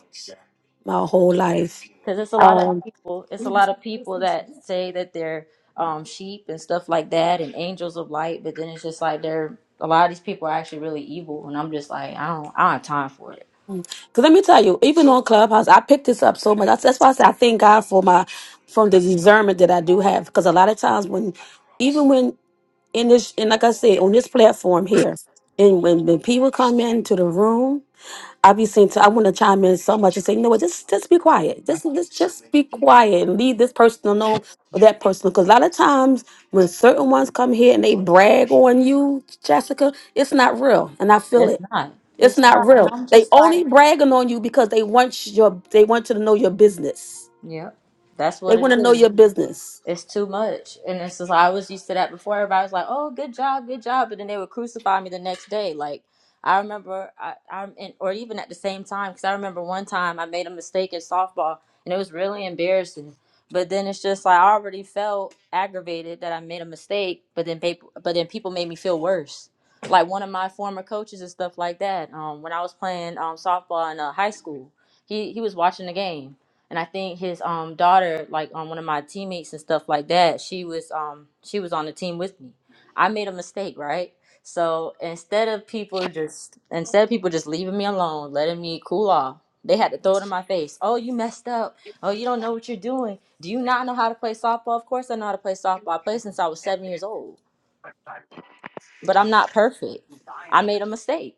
My whole life. because it's a lot of people it's a lot of people that say that they're um sheep and stuff like that and angels of light but then it's just like they're a lot of these people are actually really evil and i'm just like i don't i don't have time for it Because let me tell you, even on Clubhouse, I picked this up so much. That's, that's why I say I thank God for my from the discernment that I do have. Because a lot of times when, even when in this, and like I said, on this platform here, and when, when people come into the room. I be seeing. I want to chime in so much and say, you know what? Just just be quiet. Just just just be quiet and leave this person alone or that person. Because a lot of times when certain ones come here and they brag on you, Jessica, it's not real, and I feel It's it. not. It's It's not not. And real. I'm They just like, only bragging on you because they want your. They want you to know your business. yep, that's They what it want to know is. your business. it's too much. And it's just like, I was used to that before. Everybody was like, "Oh, good job, good job," but then they would crucify me the next day. Like I remember, I, I'm in, or even at the same time, because I remember one time I made a mistake in softball, and it was really embarrassing. But then it's just like I already felt aggravated that I made a mistake, but then people, but then people made me feel worse. Like one of my former coaches and stuff like that. Um, when I was playing um softball in uh, high school, he he was watching the game and I think his um daughter, like on one of my teammates and stuff like that, she was um she was on the team with me. I made a mistake, right? So instead of people just instead of people just leaving me alone, letting me cool off, they had to throw it in my face. Oh, you messed up. Oh, you don't know what you're doing. Do you not know how to play softball? Of course I know how to play softball. I played since I was seven years old. But I'm not perfect. I made a mistake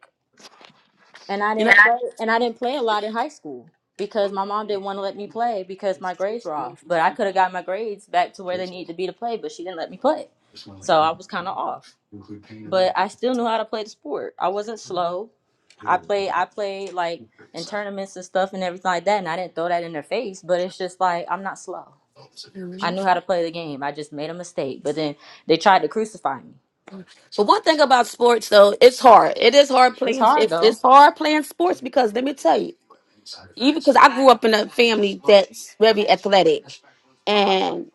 and I You didn't play and I didn't play a lot in high school because my mom didn't want to let me play because my grades were off. But I could have got my grades back to where they needed to be to play, but she didn't let me play. So I was kind of off. But I still knew how to play the sport. I wasn't slow. I played I played like in tournaments and stuff and everything like that and I didn't throw that in their face, but it's just like I'm not slow. know. I knew how to play the game. I just made a mistake, but then they tried to crucify me. So one thing about sports though, it's hard. It is hard It's playing. hard It's though. it's hard playing sports because let me tell you, even because I grew up in a family that's very athletic, and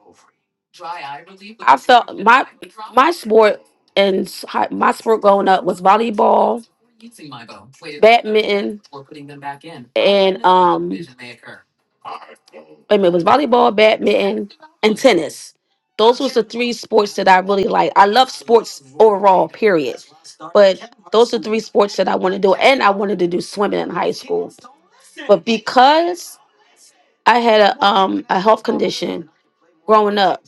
I felt my my sport and s- hi- my sport growing up was volleyball, badminton and um, wait a minute, it was volleyball, badminton, and tennis. Those was the three sports that I really like. I love sports overall, period. But those are three sports that I want to do, and I wanted to do swimming in high school. But because I had a um a health condition growing up,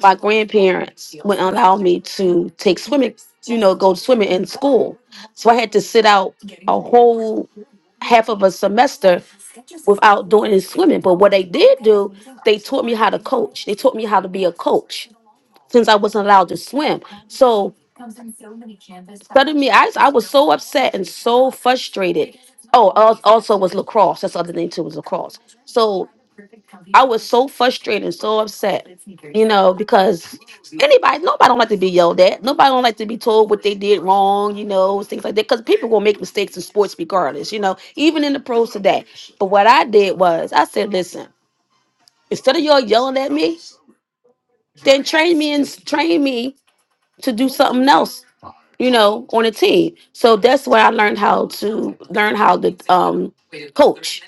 my grandparents wouldn't allow me to take swimming, you know, go swimming in school. So I had to sit out a whole half of a semester without doing any swimming. But what they did do, they taught me how to coach. They taught me how to be a coach since I wasn't allowed to swim. So suddenly I, I was so upset and so frustrated Oh, al- also was lacrosse. That's the other thing too was lacrosse. So I was so frustrated and so upset, you know, because anybody, nobody don't like to be yelled at. Nobody don't like to be told what they did wrong, you know, things like that. Because people will make mistakes in sports regardless, you know, even in the pros today. But what I did was I said, listen, instead of y'all yelling at me, then train me and train me to do something else you know, on a team. So that's where I learned how to learn how to um coach.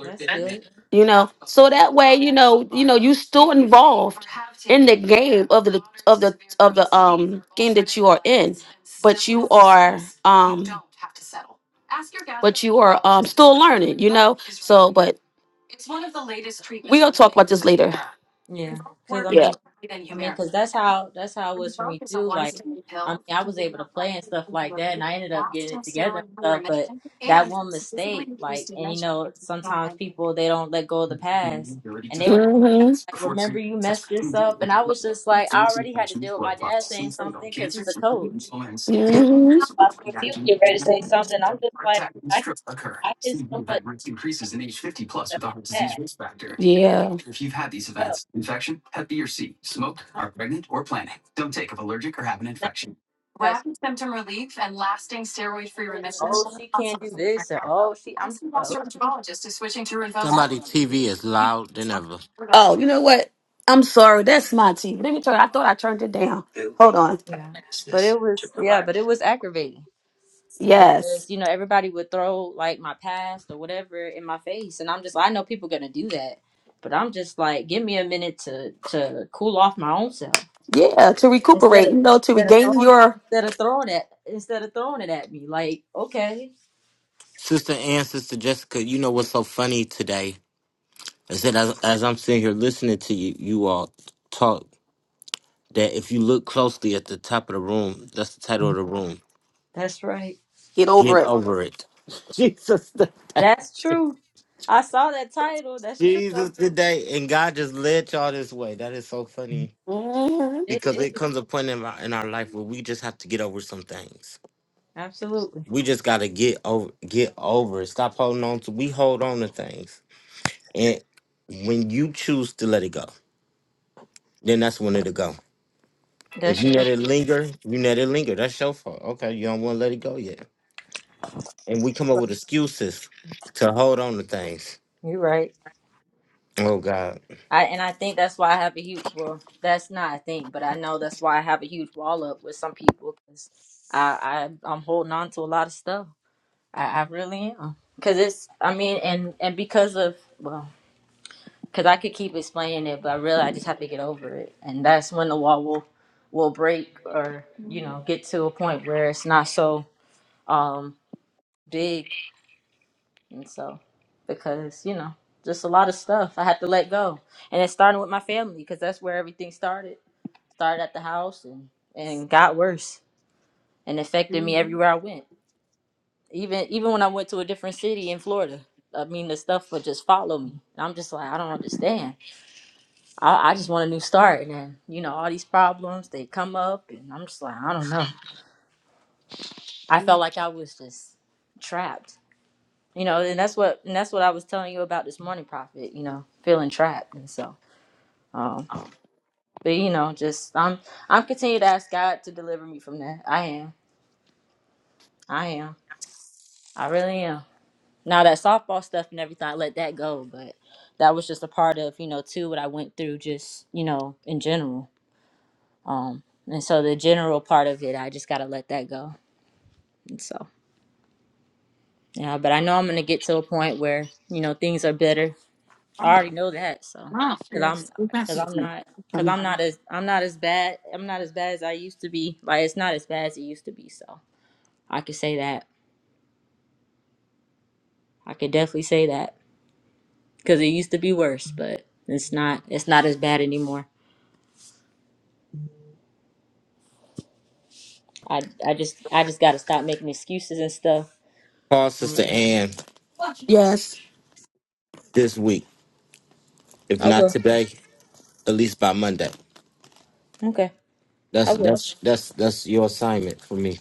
That's good. You know, so that way, you know, you know, you still involved in the game of the of the of the um game that you are in, but you are um but you are um still learning, you know. So, but we'll talk about this later. Yeah. Cuz I mean I mean, because that's how that's how it was for me too. Like, I mean, I was able to play and stuff like that, and I ended up getting it together and stuff. But that one mistake, like, and you know, sometimes people they don't let go of the past, hmm and they would throw the past hmm like, "Remember, you messed this up," and I was just like, I already had to deal with my dad saying something because he's a coach. Like, if you get ready to say something, I'm just like, I I did so much that. Yeah. But I'm not like, oh, she can't do this, or oh, she. I'm just like, Somebody "Ooh, TV is loud than ever. Oh, you know what? I'm sorry. That's my TV. Let me turn. I thought I turned it down. Hold on. Yeah. But it was yeah, but it was aggravating Yes. because you know everybody would throw like my past or whatever in my face and I'm just I know people going to do that. But I'm just like give me a minute to to cool off my own self Yeah. To instead recuperate, of you know, to instead of regain throwing your instead of throwing it instead of throwing it at me like okay, Sister Ann, Sister Jessica, you know what's so funny today is that as, as I'm sitting here listening to you, you all talk that if you look closely at the top of the room, that's the title of the room. that's right. get over Get it. over it. Jesus today. That's true. I saw that title. That's true. Jesus today. And God just led y'all this way. That is so funny. hmm It because it is. comes a point in our in our life where we just have to get over some things. Absolutely. We just gotta get over get over it. Stop holding on to we hold on to things. And when you choose to let it go, then that's when it'll go. If That's you let true. it linger, you let it linger. That's your fault. Okay, you don't wanna let it go yet. And we You're come up right. with excuses to hold on to things. You're right. Oh God. I and I think that's why I have a huge well, that's not a thing, but I know that's why I have a huge wall up with some people because I, I I'm holding on to a lot of stuff. I, I really am because it's I mean and and because of well because I could keep explaining it, but really I just have to get over it, and that's when the wall will will break or you know get to a point where it's not so um big and so because you know just a lot of stuff I have to let go and it's starting with my family because that's where everything started started at the house and, and got worse and affected me everywhere I went. Even even when I went to a different city in Florida, I mean the stuff would just follow me. And I'm just like, I don't understand. I, I just want a new start, and then you know all these problems they come up, and I'm just like, I don't know. I felt like I was just trapped, you know, and that's what and that's what I was telling you about this morning, Prophet. You know, feeling trapped, and so, um, but you know, just I'm I'm continuing to ask God to deliver me from that. I am, I am, I really am Now that softball stuff and everything, I let that go, but that was just a part of, you know, too, what I went through just, you know, in general. Um, and so the general part of it, I just got to let that go. And so, yeah, but I know I'm going to get to a point where, you know, things are better. I already know that. So, cause I'm, Yes. cause I'm not, cause I'm not as, I'm not as bad. I'm not as bad as I used to be. Like, it's not as bad as it used to be. So I could say that. I could definitely say that because it used to be worse, but it's not, it's not as bad anymore. I I just I just gotta stop making excuses and stuff. Call Uh, Sister Ann Yes. this week. If I not will. today, at least by Monday. Okay. I That's will. that's that's that's your assignment for me.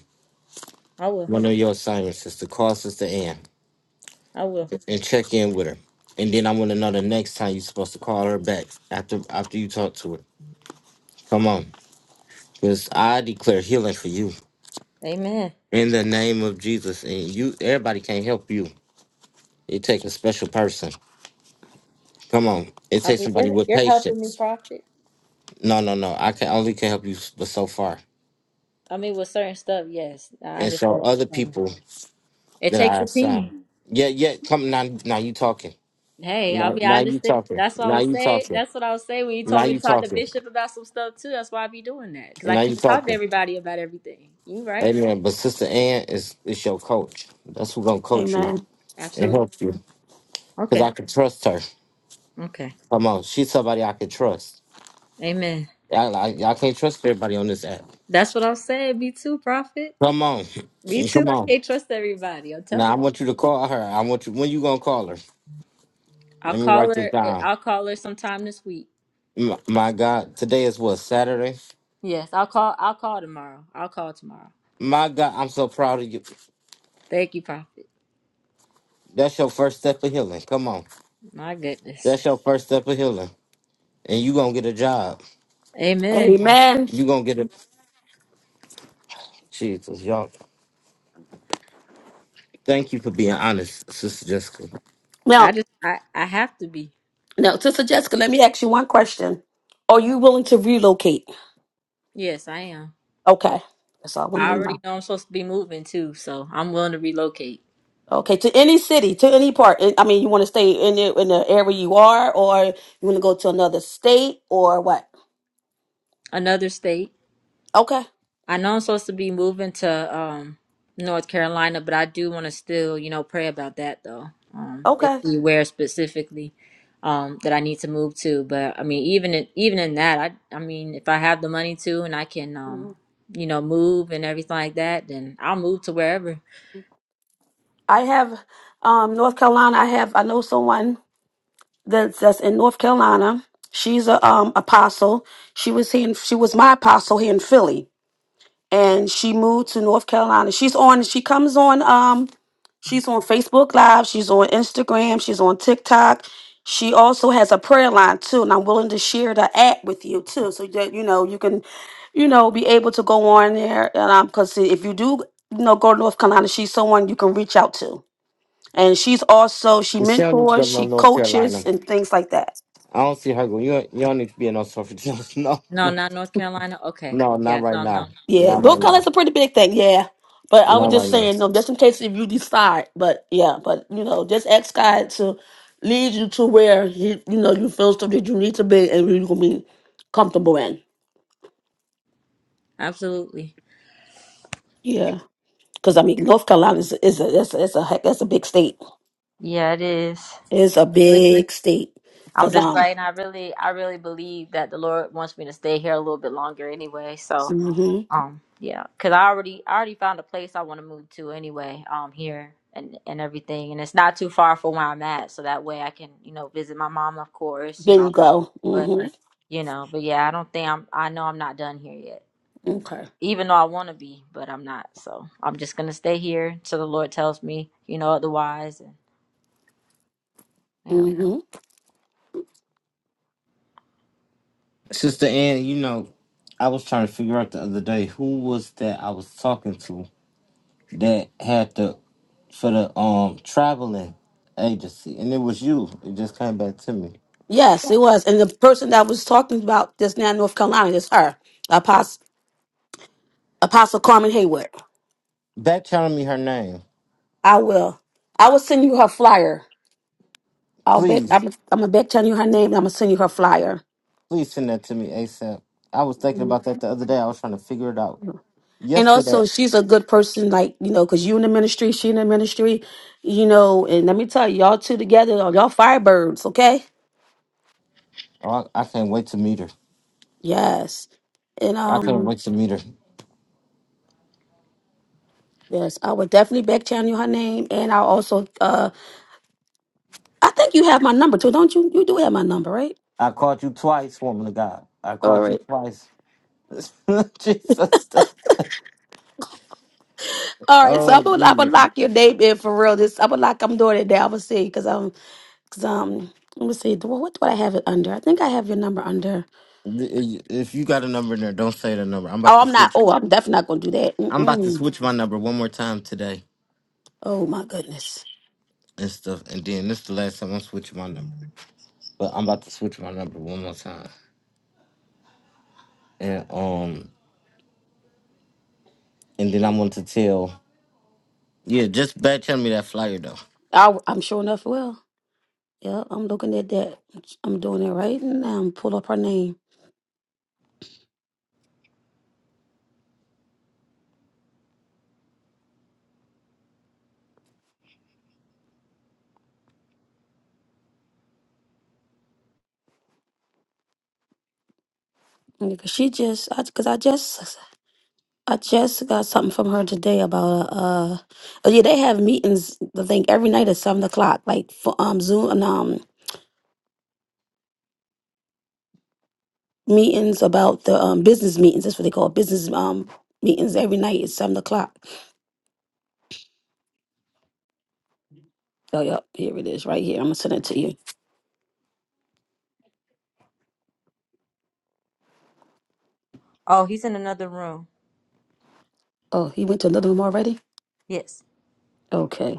I will. One of your assignments is to call Sister Ann I will. and check in with her. And then I want to know the next time you're supposed to call her back after after you talk to her. Come on. Because I declare healing for you Amen. in the name of Jesus. And you everybody can't help you. It takes a special person. Come on. It I takes mean, somebody you're with you're helping me, patience. prophet. No, no, no. I can only can help you s- but so far. I mean, with certain stuff, yes, I And so understand. What other you're saying. people It that takes I a assign. team. Yeah, yeah. Come now now you talking. Hey, I'll Now, be now you honest. it- talking. That's what I Now was you saying. talking. That's what I was saying when you Now told me to you talk to talking. Bishop about some stuff too. That's why I be doing that because I Now you can't talk to talking. everybody about everything. You right? Amen. But Sister Ann is is your coach. That's who gonna coach you Amen. and Absolutely. help you. Cause Okay. I can trust her. Okay. Come on, she's somebody I can trust. Amen. Y'all, I, y'all can't trust everybody on this app. That's what I was saying. Me too, prophet. Come on, Me too. come I on. can't trust everybody. I'm telling Now I you. want you to call her. I want you. When you gonna call her? I'll Let me call write this her. down. I'll call her sometime this week. M- My God, today is what Saturday. Yes, I'll call. I'll call tomorrow. I'll call tomorrow. My God, I'm so proud of you. Thank you, Prophet. That's your first step of healing. Come on, My goodness. that's your first step of healing, and you gonna get a job. Amen. Amen. You gonna get a Jesus, y'all. Thank you for being honest, Sister Jessica. I Now, just. I. I have to be. now, Sister Jessica, let me ask you one question. Are you willing to relocate? Yes, I am. Okay. That's all I I wanted to already know. know I'm supposed to be moving too, so I'm willing to relocate Okay, to any city, to any part. eh, I mean, you want to stay in the, in the area you are, or you want to go to another state, or what? another state. Okay. I know I'm supposed to be moving to um North Carolina, but I do want to still, you know, pray about that though. Um, and Okay. see where specifically um that I need to move to. But I mean, even in, even in that, I I mean, if I have the money to and I can um Mhm. you know move and everything like that, then I'll move to wherever. I have um, North Carolina. I have I know someone that's that's in North Carolina. She's a um, apostle. She was here. In, she was my apostle here in Philly and she moved to North Carolina. She's on. She comes on. Um, she's on Facebook Live. She's on Instagram. She's on TikTok. She also has a prayer line too, and I'm willing to share the app with you too, so that you know you can, you know, be able to go on there. And um, because if you do, you know, go to North Carolina, she's someone you can reach out to, and she's also she Michelle needs to go mentors, to no she North coaches, Carolina. and things like that. I don't see her going. You, don't- you don't need to be in no Suffolk. No, No, no, not North Carolina. Okay, no, not yeah, right no, no, now. no, Yeah, Not those right colors now. a pretty big thing. Yeah, but I was Not yeah, right just now. saying, no, just in case if you decide. But yeah, but you know, just ask God to lead you to where you you know you feel stuff that you need to be and you're gonna be comfortable in. absolutely. Yeah, because I mean, North Carolina is is a that's a, that's a heck- that's a big state. Yeah, it is. It's a big state. I'm Cause just um, saying, I really, I really believe that the Lord wants me to stay here a little bit longer anyway. So, hmm um, yeah, because I already, I already found a place I want to move to anyway. Um, here and and everything, and it's not too far from where I'm at, so that way I can, you know, visit my mom, of course, you there know. you go. But hmm you know, but yeah, I don't think I'm. I know I'm not done here yet, Okay. even though I want to be, but I'm not. So I'm just gonna stay here till the Lord tells me, you know, otherwise. And yeah. hmm Sister Ann, you know, I was trying to figure out the other day who was that I was talking to that had the for the um traveling agency, and it was you. It just came back to me. Yes, it was, and the person that I was talking about just now, in North Carolina, is her, Apostle Apostle Carmen Hayward. Back telling me her name. I will. I will send you her flyer. I'll bet. Please, I'm, I'm gonna bet telling you her name. And I'm gonna send you her flyer. please send that to me ASAP. I was thinking about that the other day. I was trying to figure it out. And Yesterday, also, she's a good person, like you know, cause you in the ministry, she in the ministry, you know. And let me tell you, y'all two together, y'all firebirds, okay? oh, I, I can't wait to meet her. Yes. And I can't um, wait to meet her. yes, I would definitely back channel you her name, and I'll also uh, I think you have my number too, don't you? You do have my number, right? I called you twice, woman of God. I All called you right. twice. Jesus. All right, so Oh, I'm gonna, I'm gonna Jesus. lock your name in for real. This I'm gonna lock. I'm doing it now. I'm gonna see because I'm 'Cause, um, let me see. do- What do I have it under? I think I have your number under. If you got a number in there, don't say the number. I'm about Oh, to I'm not. switch. Oh, I'm definitely not gonna do that. I'm about to Mm-mm. switch my number one more time today Oh my goodness. and stuff. And then this is the last time I'm switching my number. But I'm about to switch my number one more time. And um, and then I want to tell. Yeah, just back channel me that flyer though. I, I'm sure enough. Well, yeah, I'm looking at that. I'm doing it right now. Pull up her name because she just. I because I just. I just got something from her today about uh. oh, Yeah, they have meetings. I think every night at seven o'clock, like for um Zoom and um meetings about the um business meetings. That's what they call it, business um meetings every night at seven o'clock Oh, yep. Here it is right here. I'm going to send it to you. Oh, he's in another room. Oh, he went to another room already? Yes. Okay.